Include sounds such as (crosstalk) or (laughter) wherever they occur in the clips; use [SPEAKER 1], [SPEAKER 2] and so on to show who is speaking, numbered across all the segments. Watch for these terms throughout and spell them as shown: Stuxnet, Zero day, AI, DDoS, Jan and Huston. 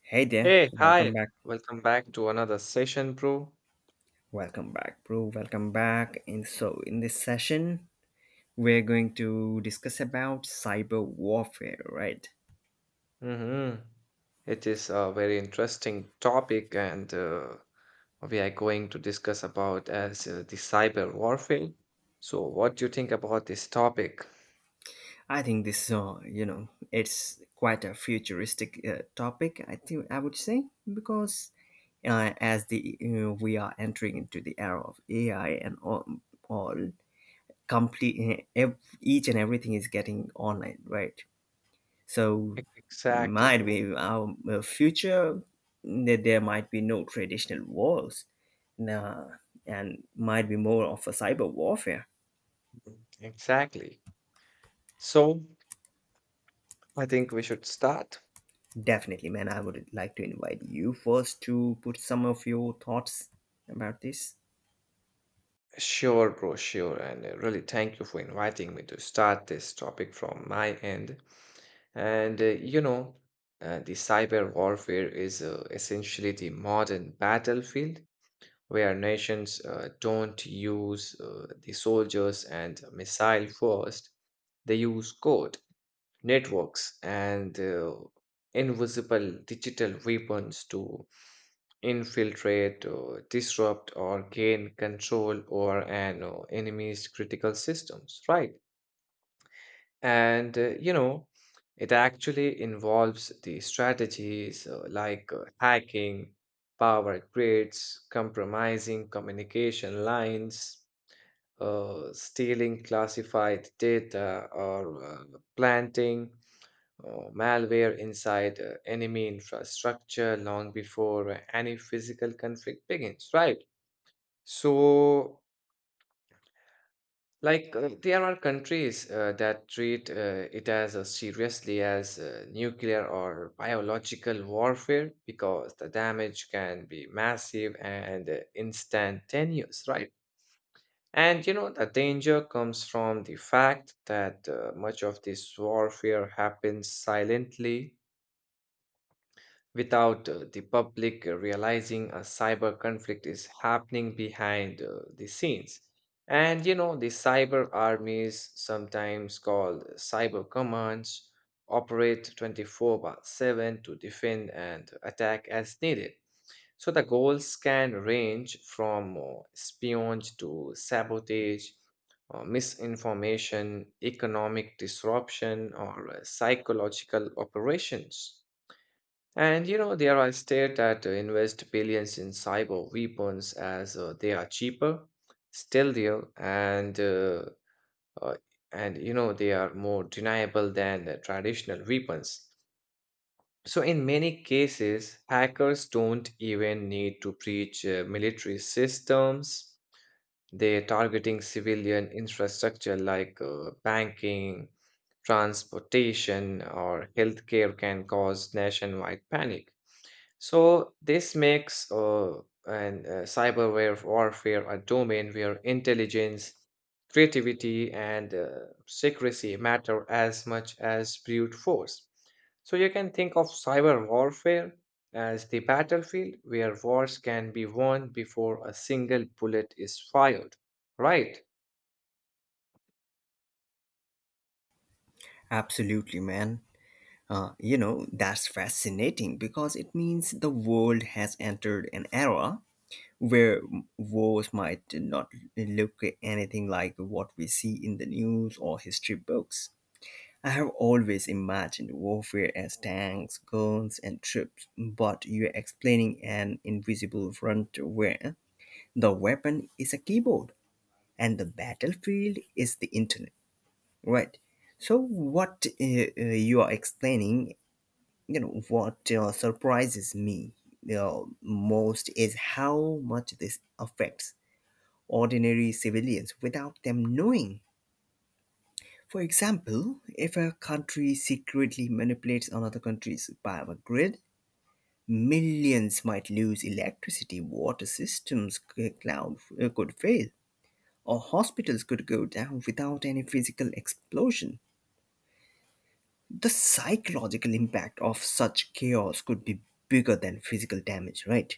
[SPEAKER 1] Hey there,
[SPEAKER 2] Hey,
[SPEAKER 1] welcome
[SPEAKER 2] hi.
[SPEAKER 1] back.
[SPEAKER 2] Welcome back to another session, bro.
[SPEAKER 1] Welcome back, bro. Welcome back. In this session, we're going to discuss about cyber warfare, right?
[SPEAKER 2] Mm-hmm. It is a very interesting topic, and we are going to discuss about as the cyber warfare. So, what do you think about this topic?
[SPEAKER 1] I think this it's quite a futuristic topic. I think I would say because as the we are entering into the era of AI and all complete each and everything is getting online, right? So
[SPEAKER 2] E- Exactly,
[SPEAKER 1] might
[SPEAKER 2] bro.
[SPEAKER 1] be our future that there might be no traditional wars, nah, and might be more of a cyber warfare.
[SPEAKER 2] Mm, exactly. So, I think we should start.
[SPEAKER 1] Definitely, man. I would like to invite you first to put some of your thoughts about this.
[SPEAKER 2] Sure, bro, sure. And really, thank you for inviting me to start this topic from my end. And you know, the cyber warfare is essentially the modern battlefield where nations don't use the soldiers and missile first, they use code, networks, and invisible digital weapons to infiltrate, disrupt, or gain control over an enemy's critical systems, right? And, you know, it actually involves the strategies like hacking power grids, compromising communication lines, stealing classified data, or planting malware inside enemy infrastructure long before any physical conflict begins, right? So, like, there are countries that treat it as seriously as nuclear or biological warfare because the damage can be massive and instantaneous, right? And you know, the danger comes from the fact that much of this warfare happens silently without the public realizing a cyber conflict is happening behind the scenes. And you know, the cyber armies, sometimes called cyber commands, operate 24/7 to defend and attack as needed. So the goals can range from espionage to sabotage, misinformation, economic disruption, or psychological operations. And you know, there are states that invest billions in cyber weapons as they are cheaper, stealthier, uh, and you know they are more deniable than the traditional weapons. So in many cases, hackers don't even need to breach military systems. They're targeting civilian infrastructure like banking, transportation, or healthcare can cause nationwide panic. So this makes cyberware warfare a domain where intelligence, creativity, and secrecy matter as much as brute force. So you can think of cyber warfare as the battlefield where wars can be won before a single bullet is fired. Right?
[SPEAKER 1] Absolutely, man. That's fascinating because it means the world has entered an era where wars might not look anything like what we see in the news or history books. I have always imagined warfare as tanks, guns, and troops, but you're explaining an invisible front where the weapon is a keyboard and the battlefield is the internet, right? So what you are explaining, what surprises me most is how much this affects ordinary civilians without them knowing. For example, if a country secretly manipulates another country's power grid, millions might lose electricity, water systems cloud could fail, or hospitals could go down without any physical explosion. The psychological impact of such chaos could be bigger than physical damage, right?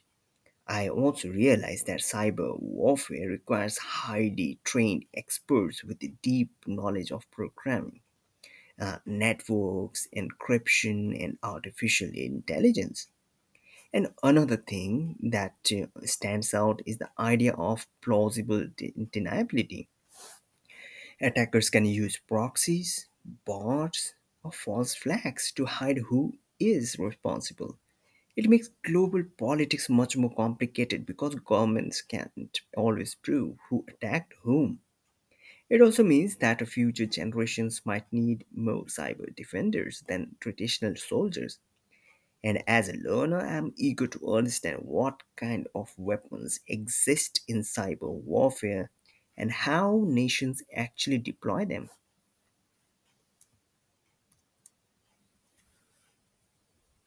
[SPEAKER 1] I also realize that cyber warfare requires highly trained experts with a deep knowledge of programming, networks, encryption, and artificial intelligence. And another thing that stands out is the idea of plausible deniability. Attackers can use proxies, bots, or false flags to hide who is responsible. It makes global politics much more complicated because governments can't always prove who attacked whom. It also means that future generations might need more cyber defenders than traditional soldiers. And as a learner, I'm eager to understand what kind of weapons exist in cyber warfare and how nations actually deploy them.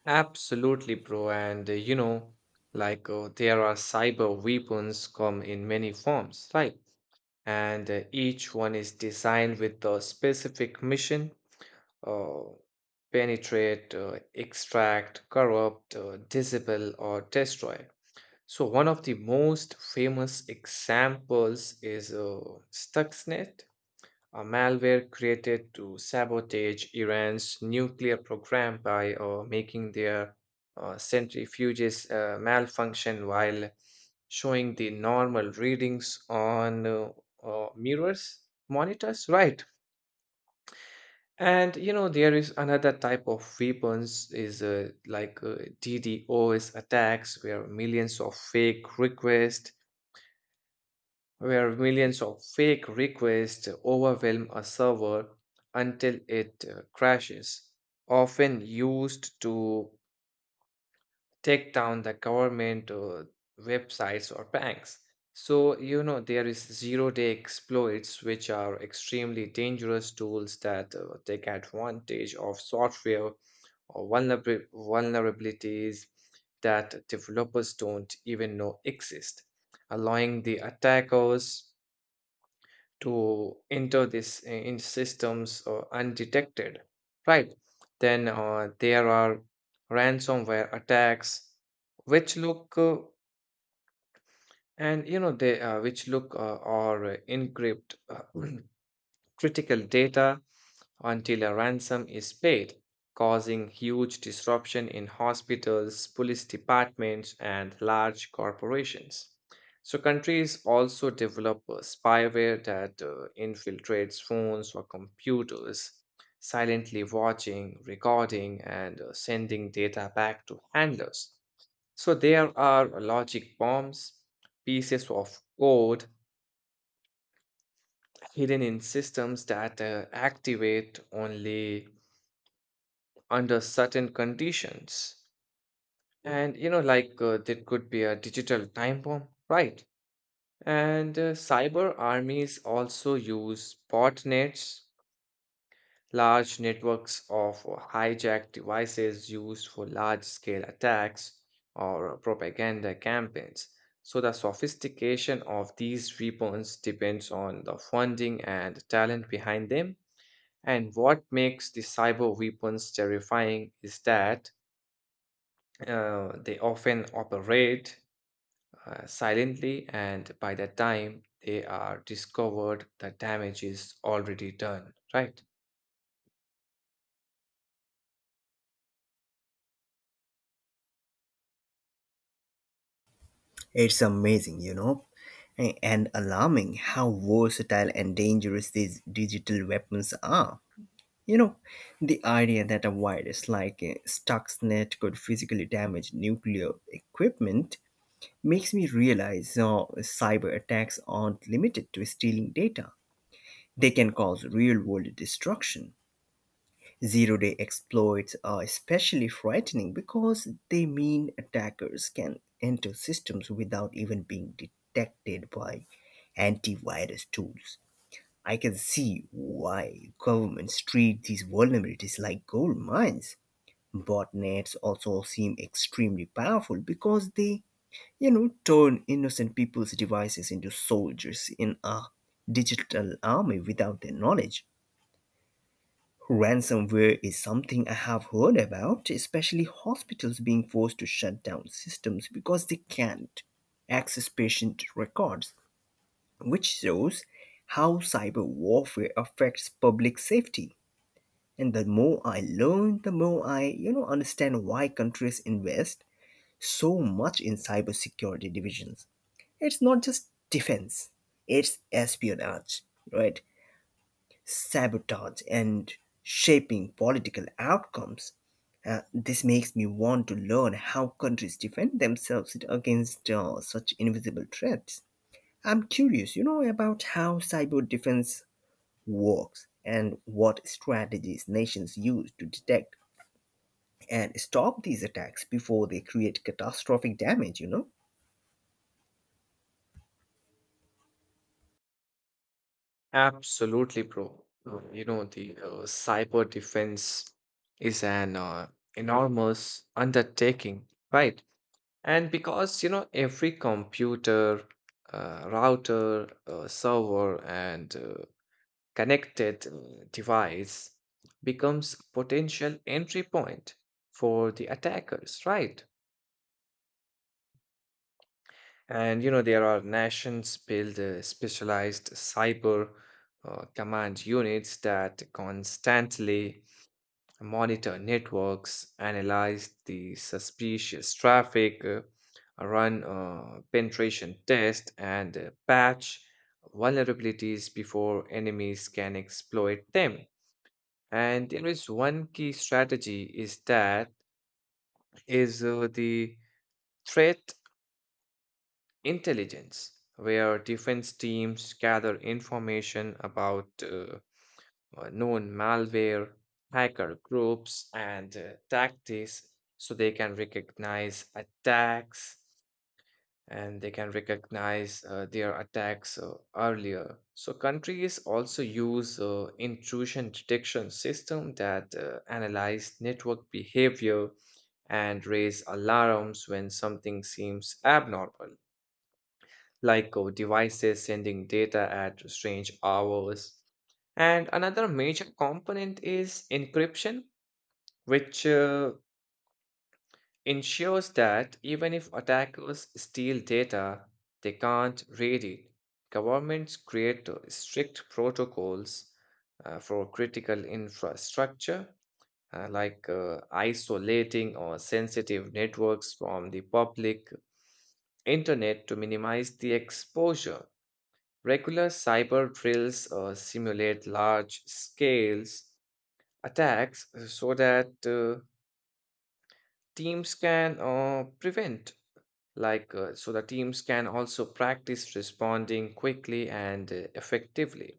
[SPEAKER 2] Absolutely, bro. And you know, like there are cyber weapons come in many forms, right? And each one is designed with a specific mission, uh, penetrate, extract, corrupt, disable, or destroy. So, one of the most famous examples is Stuxnet, a malware created to sabotage Iran's nuclear program by making their centrifuges malfunction while showing the normal readings on mirrors, monitors, right? And you know there is another type of weapons is like DDoS attacks where millions of fake requests overwhelm a server until it crashes, often used to take down the government websites or banks. So, you know, there is zero-day exploits, which are extremely dangerous tools that take advantage of software or vulnerabilities that developers don't even know exist, allowing the attackers to enter this in systems undetected, right? Then there are ransomware attacks which look and you know they which look or encrypt (clears throat) critical data until a ransom is paid, causing huge disruption in hospitals, police departments, and large corporations. So, countries also develop spyware that infiltrates phones or computers, silently watching, recording, and sending data back to handlers. So, there are logic bombs, pieces of code hidden in systems that activate only under certain conditions, and you know like there could be a digital time bomb, right? And cyber armies also use botnets, large networks of hijacked devices used for large scale attacks or propaganda campaigns. So the sophistication of these weapons depends on the funding and talent behind them, and what makes the cyber weapons terrifying is that they often operate silently, and by the time they are discovered, the damage is already done, right?
[SPEAKER 1] It's amazing, you know, and alarming how versatile and dangerous these digital weapons are. You know, the idea that a virus like Stuxnet could physically damage nuclear equipment makes me realize cyber attacks aren't limited to stealing data. They can cause real world destruction. Zero day exploits are especially frightening because they mean attackers can enter systems without even being detected by antivirus tools. I can see why governments treat these vulnerabilities like gold mines. Botnets also seem extremely powerful because they, you know, turn innocent people's devices into soldiers in a digital army without their knowledge. Ransomware is something I have heard about, especially hospitals being forced to shut down systems because they can't access patient records, which shows how cyber warfare affects public safety. And the more I learn, the more I understand why countries invest so much in cybersecurity divisions. It's not just defense, it's espionage, right? Sabotage and shaping political outcomes. This makes me want to learn how countries defend themselves against such invisible threats. I'm curious, you know, about how cyber defense works and what strategies nations use to detect and stop these attacks before they create catastrophic damage, you know.
[SPEAKER 2] Absolutely, bro. You know, the cyber defense is an enormous undertaking, right? And because, you know, every computer, router, server, and connected device becomes potential entry point for the attackers, right? And you know there are nations build specialized cyber command units that constantly monitor networks, analyze the suspicious traffic, run penetration tests, and patch vulnerabilities before enemies can exploit them. And there is one key strategy is that is the threat intelligence, where defense teams gather information about known malware, hacker groups, and tactics so they can recognize attacks and they can recognize their attacks earlier. So countries also use intrusion detection system that analyze network behavior and raise alarms when something seems abnormal, like devices sending data at strange hours. And another major component is encryption, which ensures that even if attackers steal data, they can't read it. Governments create strict protocols for critical infrastructure, like isolating or sensitive networks from the public internet to minimize the exposure. Regular cyber drills simulate large scales attacks so that teams can prevent like so the teams can also practice responding quickly and effectively.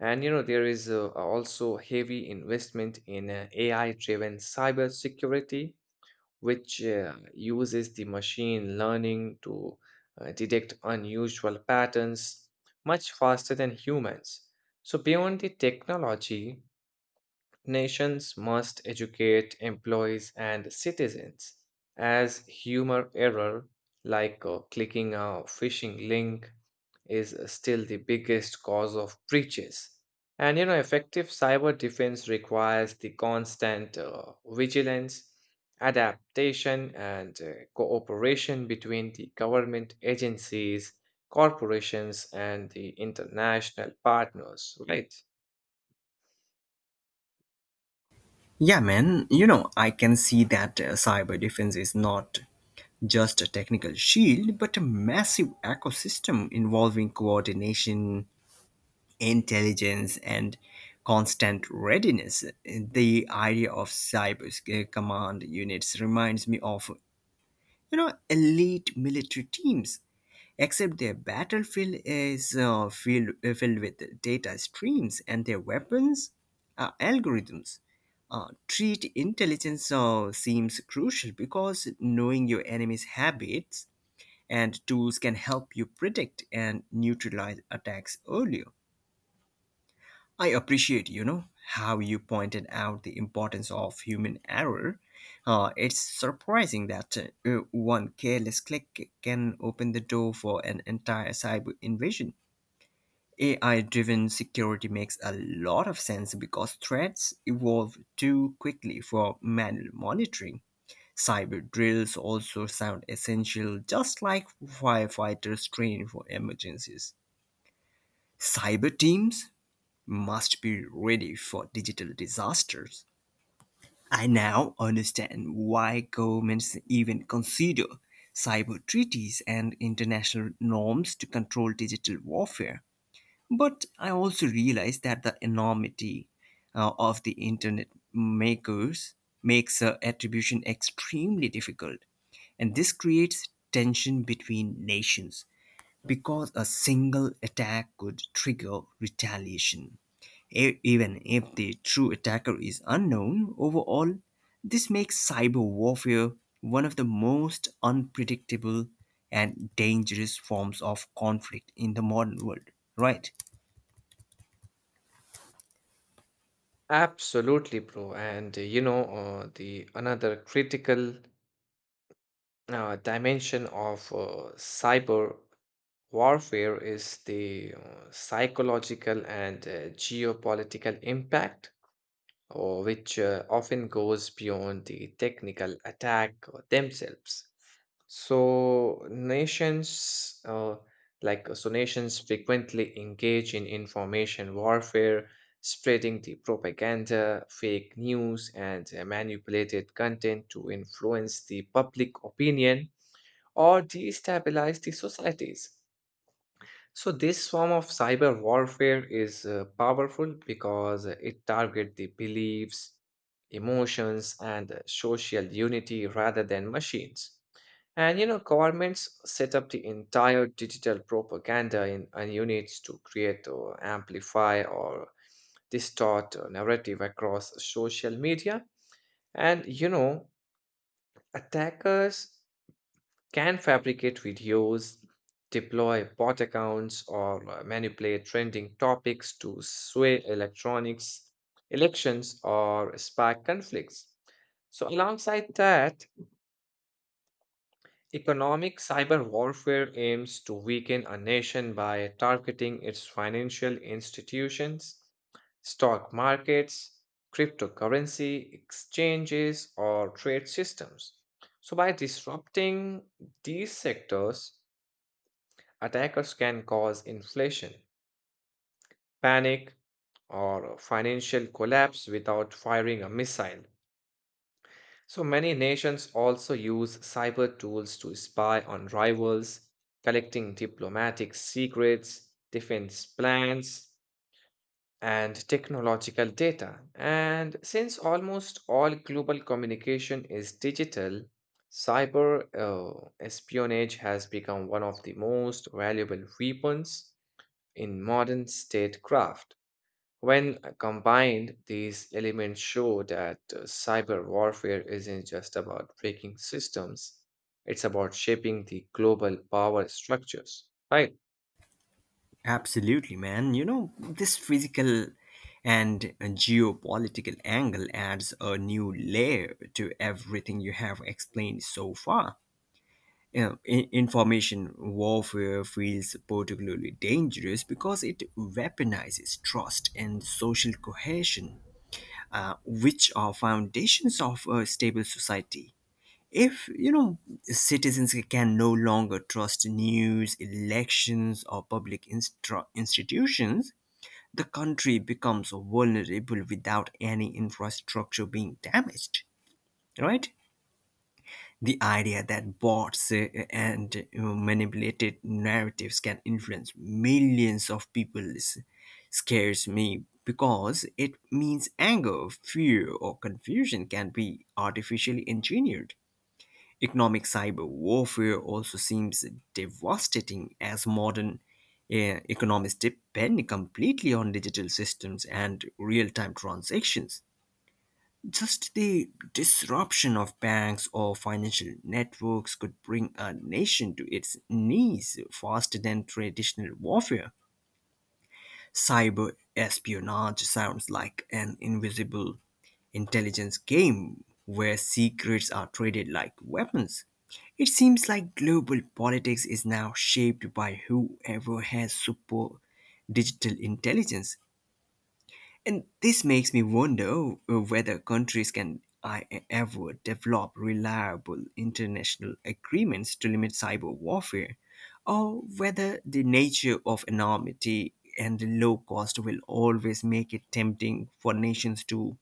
[SPEAKER 2] And you know there is also heavy investment in ai driven cyber security which uses the machine learning to detect unusual patterns much faster than humans. So beyond the technology, nations must educate employees and citizens as humor error like clicking a phishing link is still the biggest cause of breaches. And you know, effective cyber defense requires the constant vigilance, adaptation, and cooperation between the government agencies, corporations, and the international partners, right?
[SPEAKER 1] Yeah, man, you know, I can see that cyber defense is not just a technical shield, but a massive ecosystem involving coordination, intelligence, and constant readiness. The idea of cyber command units reminds me of, you know, elite military teams, except their battlefield is filled with data streams and their weapons are algorithms. Treat intelligence seems crucial because knowing your enemy's habits and tools can help you predict and neutralize attacks earlier. I appreciate, you know, how you pointed out the importance of human error. It's surprising that one careless click can open the door for an entire cyber invasion. AI driven security makes a lot of sense because threats evolve too quickly for manual monitoring. Cyber drills also sound essential, just like firefighters train for emergencies. Cyber teams must be ready for digital disasters. I now understand why governments even consider cyber treaties and international norms to control digital warfare. But I also realize that the enormity of the internet makers makes attribution extremely difficult. And this creates tension between nations because a single attack could trigger retaliation. Even if the true attacker is unknown overall, this makes cyber warfare one of the most unpredictable and dangerous forms of conflict in the modern world, right?
[SPEAKER 2] Absolutely, bro. And you know, the another critical dimension of cyber warfare is the psychological and geopolitical impact, which often goes beyond the technical attack themselves. So nations, like so nations frequently engage in information warfare, spreading the propaganda, fake news, and manipulated content to influence the public opinion or destabilize the societies. So this form of cyber warfare is powerful because it targets the beliefs, emotions, and social unity rather than machines. And you know, governments set up the entire digital propaganda in units to create or amplify or distort a narrative across social media. And you know, attackers can fabricate videos, deploy bot accounts, or manipulate trending topics to sway electronics elections or spark conflicts. So, alongside that, economic cyber warfare aims to weaken a nation by targeting its financial institutions, stock markets, cryptocurrency exchanges, or trade systems. So, by disrupting these sectors, attackers can cause inflation, panic, or financial collapse without firing a missile. So many nations also use cyber tools to spy on rivals, collecting diplomatic secrets, defense plans, and technological data. And since almost all global communication is digital, cyber espionage has become one of the most valuable weapons in modern statecraft. When combined, these elements show that cyber warfare isn't just about breaking systems, it's about shaping the global power structures, right?
[SPEAKER 1] Absolutely, man. You know, this physical and geopolitical angle adds a new layer to everything you have explained so far. Yeah, information warfare feels particularly dangerous because it weaponizes trust and social cohesion, which are foundations of a stable society. If, you know, citizens can no longer trust news, elections, or public institutions, the country becomes vulnerable without any infrastructure being damaged. Right? The idea that bots and manipulated narratives can influence millions of people is- scares me because it means anger, fear, or confusion can be artificially engineered. Economic cyber warfare also seems devastating as modern economies depend completely on digital systems and real time transactions. Just the disruption of banks or financial networks could bring a nation to its knees faster than traditional warfare. Cyber espionage sounds like an invisible intelligence game where secrets are traded like weapons. It seems like global politics is now shaped by whoever has super digital intelligence. And this makes me wonder whether countries can I ever develop reliable international agreements to limit cyber warfare, or whether the nature of anonymity and the low cost will always make it tempting for nations to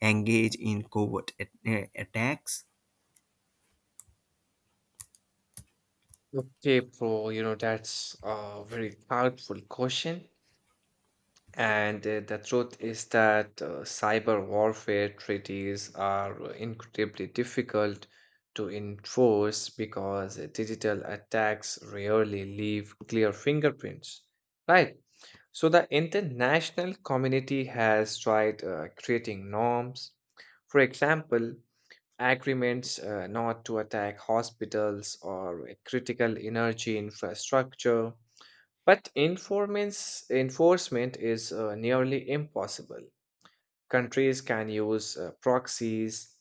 [SPEAKER 1] engage in covert attacks.
[SPEAKER 2] Okay, bro, you know, that's a very thoughtful question. And the truth is that cyber warfare treaties are incredibly difficult to enforce because digital attacks rarely leave clear fingerprints, right? So the international community has tried creating norms. For example, agreements not to attack hospitals or critical energy infrastructure, but informants, enforcement is nearly impossible. Countries can use proxies,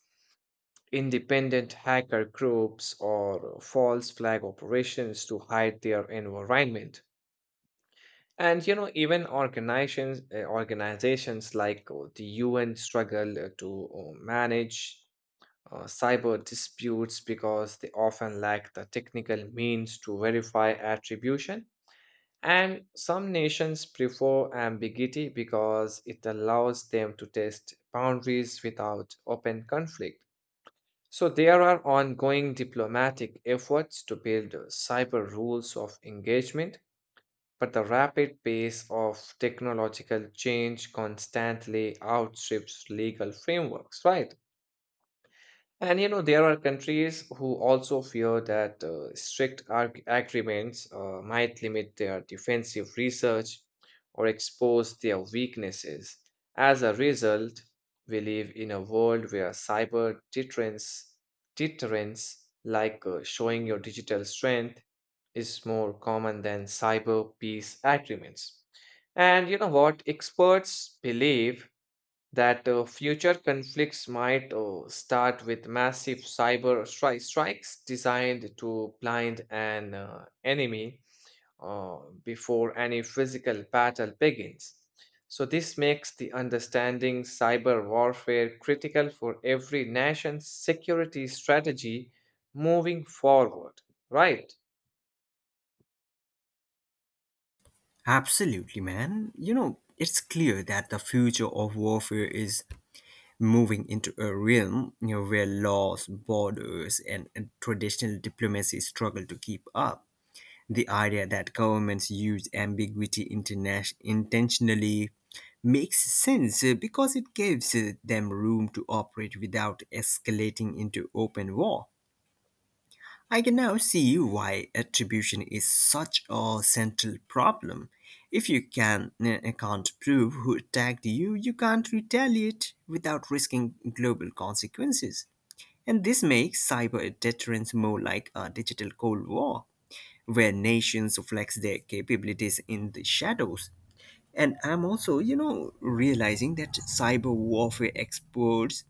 [SPEAKER 2] independent hacker groups, or false flag operations to hide their environment. And you know, even organizations like the UN struggle to manage cyber disputes because they often lack the technical means to verify attribution. And some nations prefer ambiguity because it allows them to test boundaries without open conflict. So there are ongoing diplomatic efforts to build cyber rules of engagement, but the rapid pace of technological change constantly outstrips legal frameworks, right? And you know, there are countries who also fear that strict arg- agreements might limit their defensive research or expose their weaknesses. As a result, we live in a world where cyber deterrence, deterrence like showing your digital strength, is more common than cyber peace agreements. And you know what? Experts believe that future conflicts might start with massive strikes designed to blind an enemy before any physical battle begins. So, this makes the understanding cyber warfare critical for every nation's security strategy moving forward, right?
[SPEAKER 1] Absolutely, man. You know, it's clear that the future of warfare is moving into a realm, you know, where laws, borders, and traditional diplomacy struggle to keep up. The idea that governments use ambiguity intentionally makes sense because it gives them room to operate without escalating into open war. I can now see why attribution is such a central problem. If you can't prove who attacked you, you can't retaliate without risking global consequences. And this makes cyber deterrence more like a digital Cold War, where nations flex their capabilities in the shadows. And I'm also, you know, realizing that cyber warfare experts,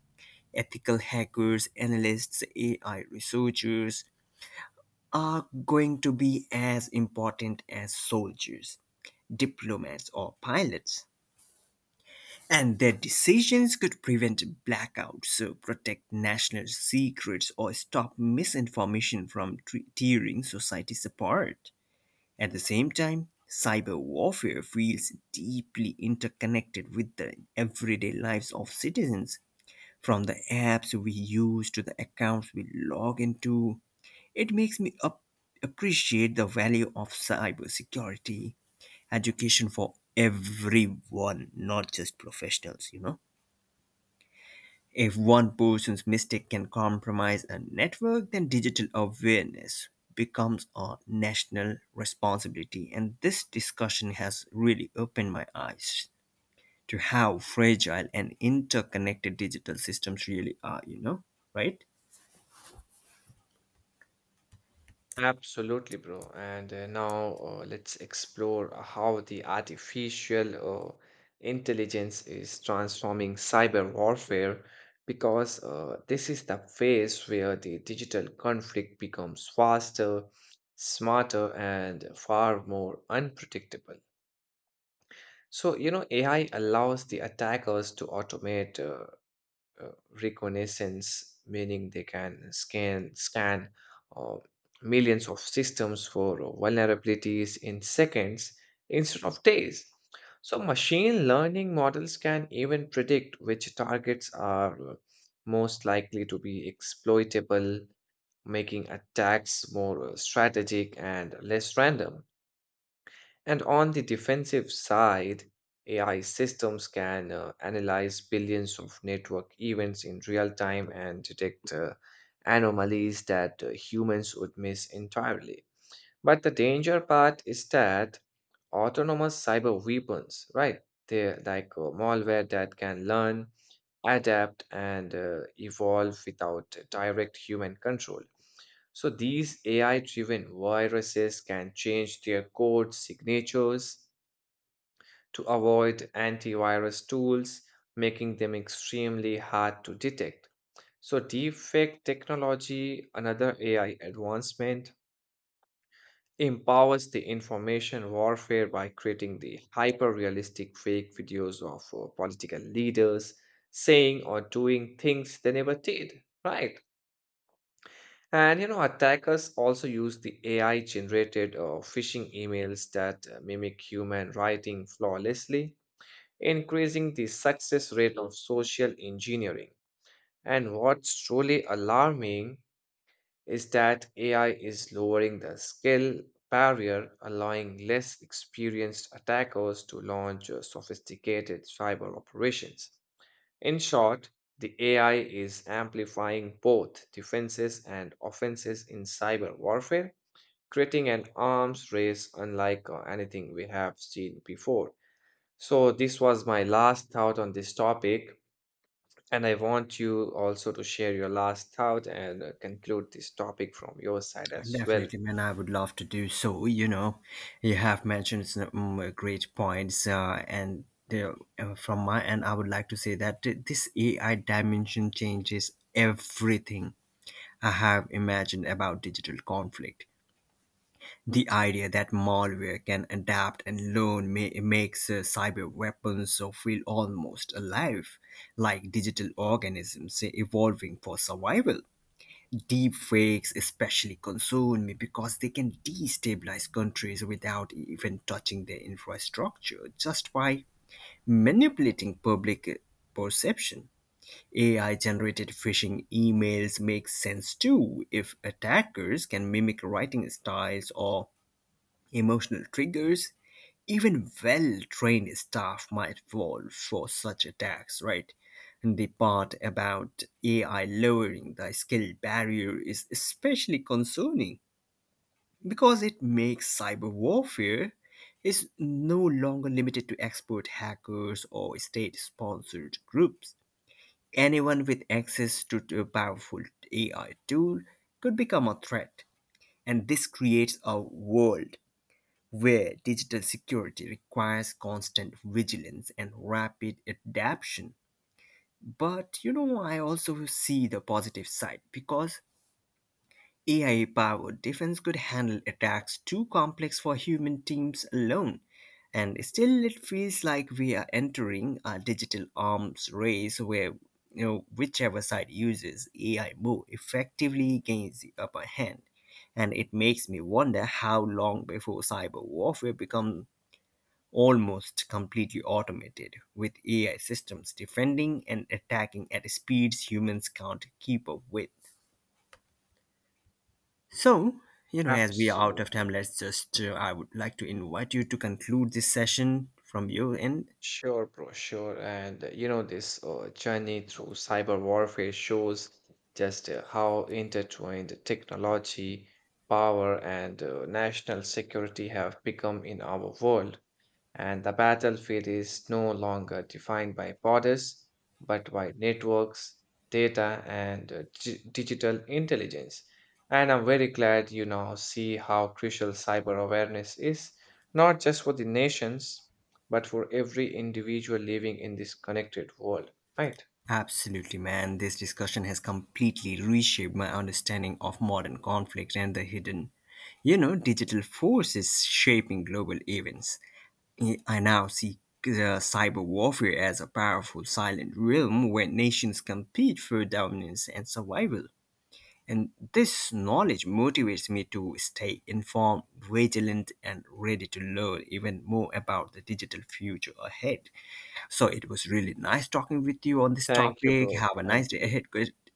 [SPEAKER 1] ethical hackers, analysts, AI researchers, are going to be as important as soldiers, diplomats, or pilots. And their decisions could prevent blackouts, protect national secrets, or stop misinformation from tearing societies apart. At the same time, cyber warfare feels deeply interconnected with the everyday lives of citizens, from the apps we use to the accounts we log into. It makes me up appreciate the value of cybersecurity education for everyone, not just professionals, you know. If one person's mistake can compromise a network, then digital awareness becomes a national responsibility. And this discussion has really opened my eyes to how fragile and interconnected digital systems really are, you know, right?
[SPEAKER 2] Absolutely, bro. And now let's explore how the artificial intelligence is transforming cyber warfare because this is the phase where the digital conflict becomes faster, smarter, and far more unpredictable. So, you know, AI allows the attackers to automate uh, reconnaissance, meaning they can scan uh, millions of systems for vulnerabilities in seconds instead of days. So machine learning models can even predict which targets are most likely to be exploitable, making attacks more strategic and less random. And on the defensive side, AI systems can analyze billions of network events in real time and detect anomalies that humans would miss entirely. But the danger part is that autonomous cyber weapons, right? They're like malware that can learn, adapt and evolve without direct human control. So these AI-driven viruses can change their code signatures to avoid antivirus tools, making them extremely hard to detect. So deepfake technology, another AI advancement, empowers the information warfare by creating the hyper realistic fake videos of political leaders saying or doing things they never did, right? And you know, attackers also use the AI generated phishing emails that mimic human writing flawlessly, increasing the success rate of social engineering. And what's truly alarming is that AI is lowering the skill barrier, allowing less experienced attackers to launch sophisticated cyber operations. In short, the AI is amplifying both defenses and offenses in cyber warfare, creating an arms race unlike anything we have seen before. So, this was my last thought on this topic. And I want you also to share your last thought and conclude this topic from your side as well.
[SPEAKER 1] Definitely, man. I would love to do so. You know, you have mentioned some great points, and uh, from my end, I would like to say that this AI dimension changes everything I have imagined about digital conflict. The idea that malware can adapt and learn makes cyber weapons so feel almost alive, like digital organisms evolving for survival. Deep fakes especially concern me because they can destabilize countries without even touching their infrastructure just by manipulating public perception. AI generated phishing emails make sense too. If attackers can mimic writing styles or emotional triggers, even well trained staff might fall for such attacks, right? And the part about AI lowering the skill barrier is especially concerning because it makes cyber warfare is no longer limited to expert hackers or state sponsored groups. Anyone with access to a powerful AI tool could become a threat, and this creates a world where digital security requires constant vigilance and rapid adaptation. But you know, I also see the positive side because AI powered defense could handle attacks too complex for human teams alone. And still, it feels like we are entering a digital arms race where, you know, whichever side uses AI more effectively gains the upper hand, and it makes me wonder how long before cyber warfare become almost completely automated, with AI systems defending and attacking at speeds humans can't keep up with. So, you know, as we are out of
[SPEAKER 2] Absolutely.
[SPEAKER 1] time, let's just, I would like to invite you to conclude this session from your end.
[SPEAKER 2] Sure, bro, sure. And you know, this journey through cyber warfare shows just how intertwined technology, power, and national security have become in our world. And the battlefield is no longer defined by borders but by networks, data, and digital intelligence. And I'm very glad you now see how crucial cyber awareness is, not just for the nations, but for every individual living in this connected world. Right.
[SPEAKER 1] Absolutely, man. This discussion has completely reshaped my understanding of modern conflict and the hidden, you know, digital forces shaping global events. I now see cyber warfare as a powerful silent realm where nations compete for dominance and survival. And this knowledge motivates me to stay informed, vigilant, and ready to learn even more about the digital future ahead. So it was really nice talking with you on this
[SPEAKER 2] Thank you,
[SPEAKER 1] topic.
[SPEAKER 2] bro.
[SPEAKER 1] Have a
[SPEAKER 2] Thank
[SPEAKER 1] nice day
[SPEAKER 2] you.
[SPEAKER 1] ahead. Good.